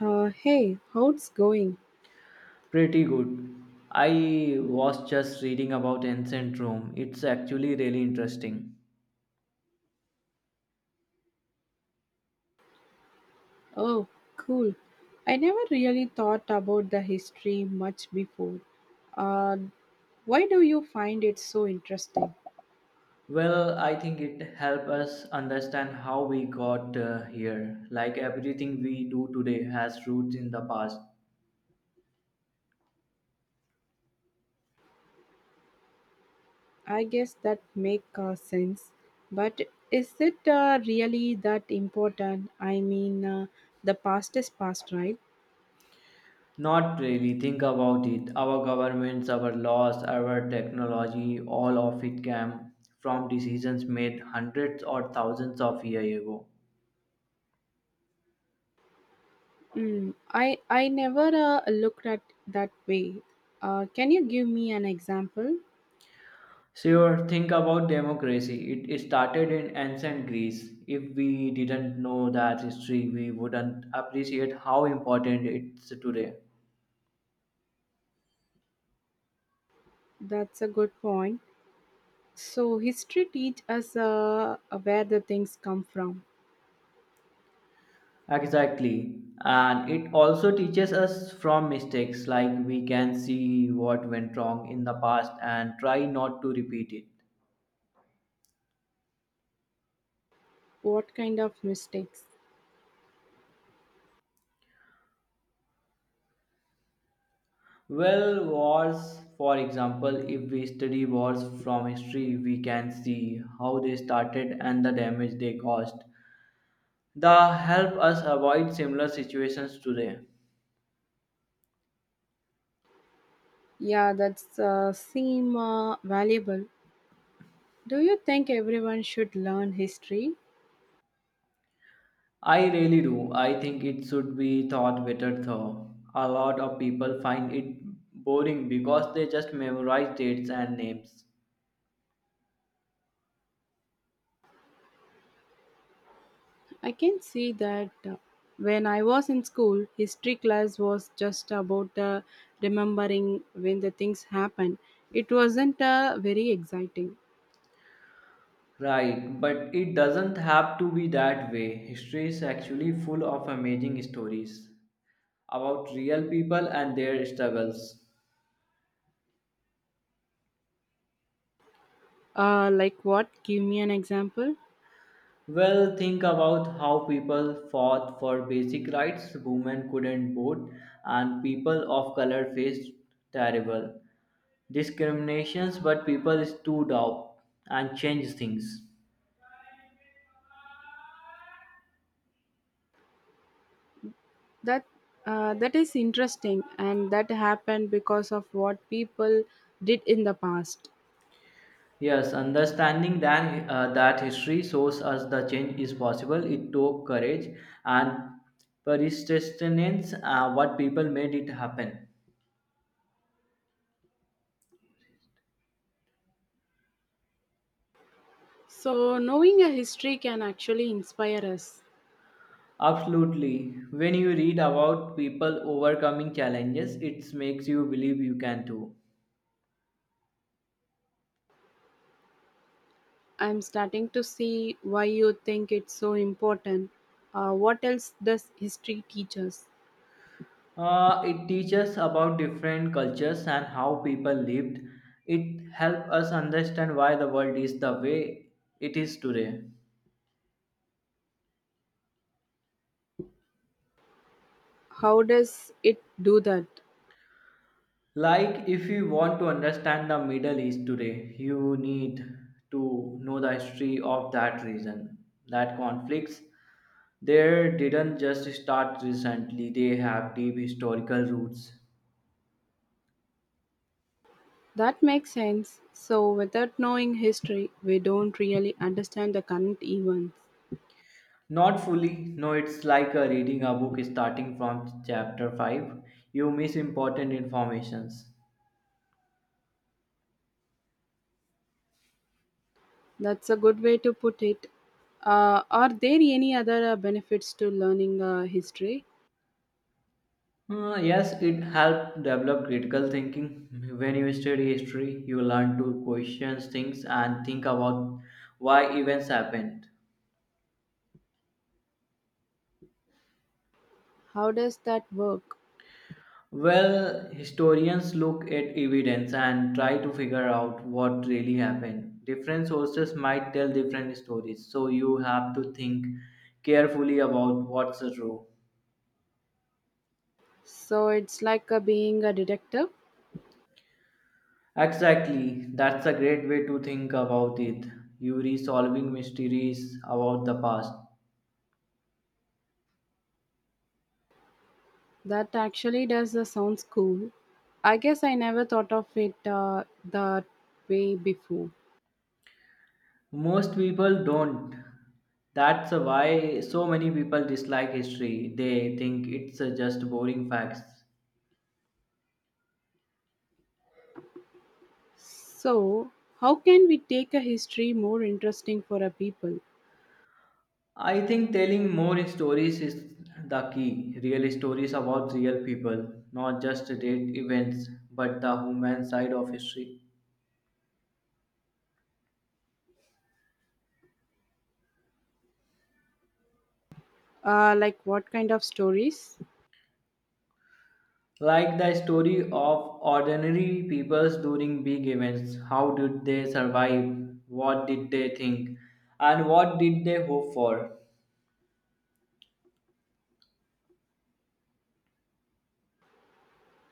Hey, how's going? Pretty good. I was just reading about ancient Rome. It's actually really interesting. Oh, cool. I never really thought about the history much before. Uh, why do you find it so interesting? Well, I think it helps us understand how we got here. Like everything we do today has roots in the past. I guess that make sense. But is it really that important? I mean, the past is past, right? Not really, think about it. Our governments, our laws, our technology, all of it came from decisions made hundreds or thousands of years ago. Mm, I never looked at that way. Can you give me an example? Sure, think about democracy. It started in ancient Greece. If we didn't know that history, we wouldn't appreciate how important it's today. That's a good point. So history teach us where the things come from, Exactly. And it also teaches us from mistakes, like we can see what went wrong in the past and try not to repeat it. what kind of mistakes. Well, wars, for example, if we study wars from history, we can see how they started and the damage they caused. That help us avoid similar situations today. Yeah, that's seem valuable. Do you think everyone should learn history? I really do. I think it should be thought better though. A lot of people find it boring because they just memorize dates and names. I can see that when I was in school, history class was just about remembering when the things happened. It wasn't very exciting. Right, but it doesn't have to be that way. History is actually full of amazing stories about real people and their struggles. Like what? Give me an example. Well, think about how people fought for basic rights. Women couldn't vote, and people of color faced terrible discriminations, but people stood up and changed things. That that is interesting, and that happened because of what people did in the past. Yes, understanding that history shows us the change is possible. It took courage and persistence, what people made it happen. So knowing a history can actually inspire us. Absolutely. When you read about people overcoming challenges, it makes you believe you can too. I'm starting to see why you think it's so important. Uh, what else does history teach us? It teaches about different cultures and how people lived. It helps us understand why the world is the way it is today. How does it do that? Like, if you want to understand the Middle East today, you need to know the history of that region, that conflicts. There didn't just start recently, they have deep historical roots. That makes sense. So without knowing history, we don't really understand the current events. Not fully. No, it's like reading a book starting from chapter 5. You miss important informations. That's a good way to put it. Are there any other benefits to learning history? Yes, it helps develop critical thinking. When you study history, you learn to question things and think about why events happened. How does that work? Well, historians look at evidence and try to figure out what really happened. Different sources might tell different stories, so you have to think carefully about what's true. So it's like being a detective. Exactly, that's a great way to think about it. You're solving mysteries about the past. That actually does sounds cool. I guess I never thought of it that way before. Most people don't. That's why so many people dislike history. They think it's just boring facts. So how can we take a history more interesting for our people? I think telling more stories is the key. Real stories about real people, not just date events, but the human side of history. Like what kind of stories? Like the story of ordinary peoples during big events. How did they survive? What did they think? And what did they hope for?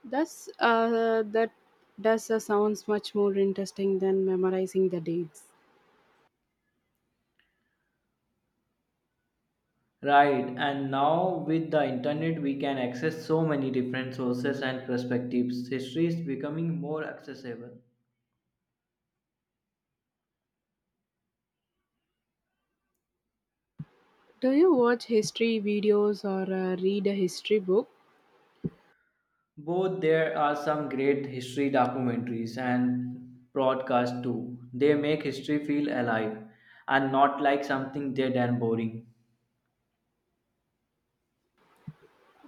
Does that does sounds much more interesting than memorizing the dates. Right, and now with the internet, we can access so many different sources and perspectives. History is becoming more accessible. Do you watch history videos or read a history book? Both there are some great history documentaries and broadcasts too. They make history feel alive and not like something dead and boring.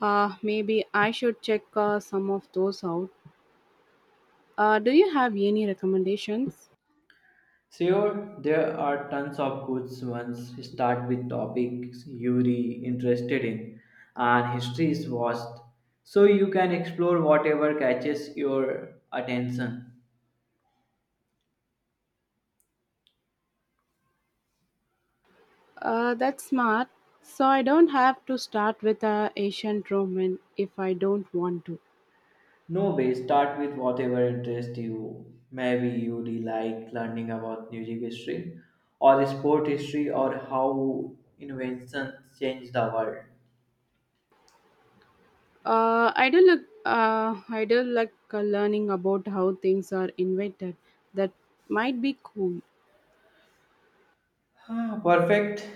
Maybe I should check some of those out. Do you have any recommendations? Sure, there are tons of good ones. Start with topics you're interested in, and history is vast, so you can explore whatever catches your attention. That's smart. So I don't have to start with ancient Roman if I don't want to. No way, start with whatever interests you. Maybe you really like learning about music history, or sport history, or how inventions change the world. I do look. I do like learning about how things are invented. That might be cool. Ah, perfect.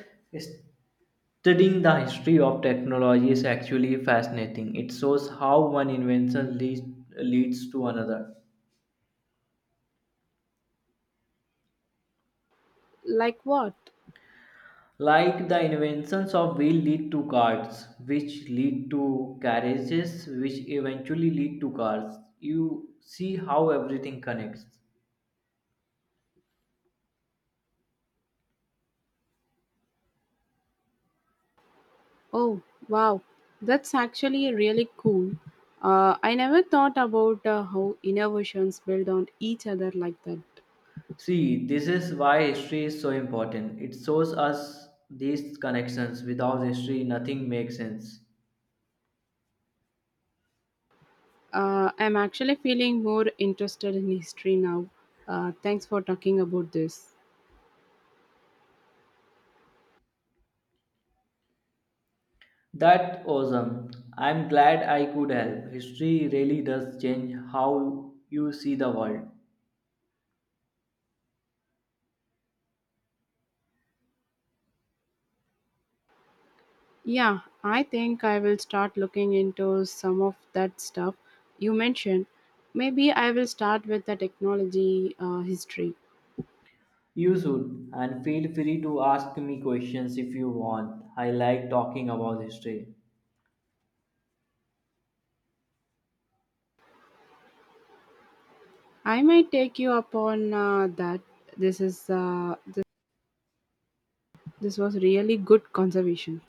Studying the history of technology is actually fascinating. It shows how one invention leads to another. Like what? Like the inventions of wheel lead to carts, which lead to carriages, which eventually lead to cars. You see how everything connects. Oh, wow. That's actually really cool. I never thought about how innovations build on each other like that. See, this is why history is so important. It shows us these connections. Without history, nothing makes sense. I'm actually feeling more interested in history now. Thanks for talking about this. That awesome. I'm glad I could help. History really does change how you see the world. Yeah, I think I will start looking into some of that stuff you mentioned. Maybe I will start with the technology history. You should, and feel free to ask me questions if you want. I like talking about history. I might take you up on that. This is uh, this, this was really good conservation.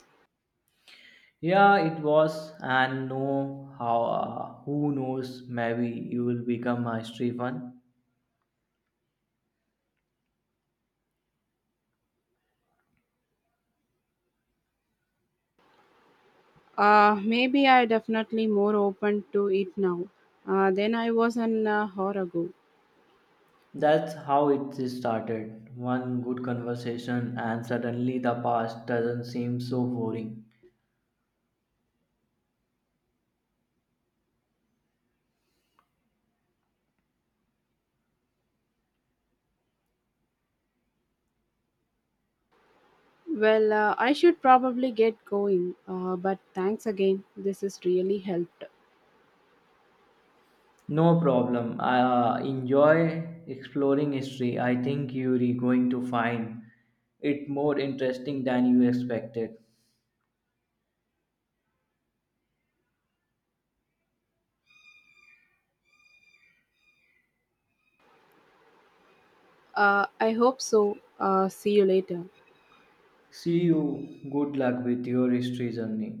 Yeah, it was, and no, how? Who knows? Maybe you will become a history fan. Maybe I definitely more open to it now than I was an hour ago. That's how it started. One good conversation, and suddenly the past doesn't seem so boring. Well, I should probably get going, but thanks again. This has really helped. No problem. I enjoy exploring history. I think you're going to find it more interesting than you expected. I hope so. See you later. See you. Good luck with your history journey.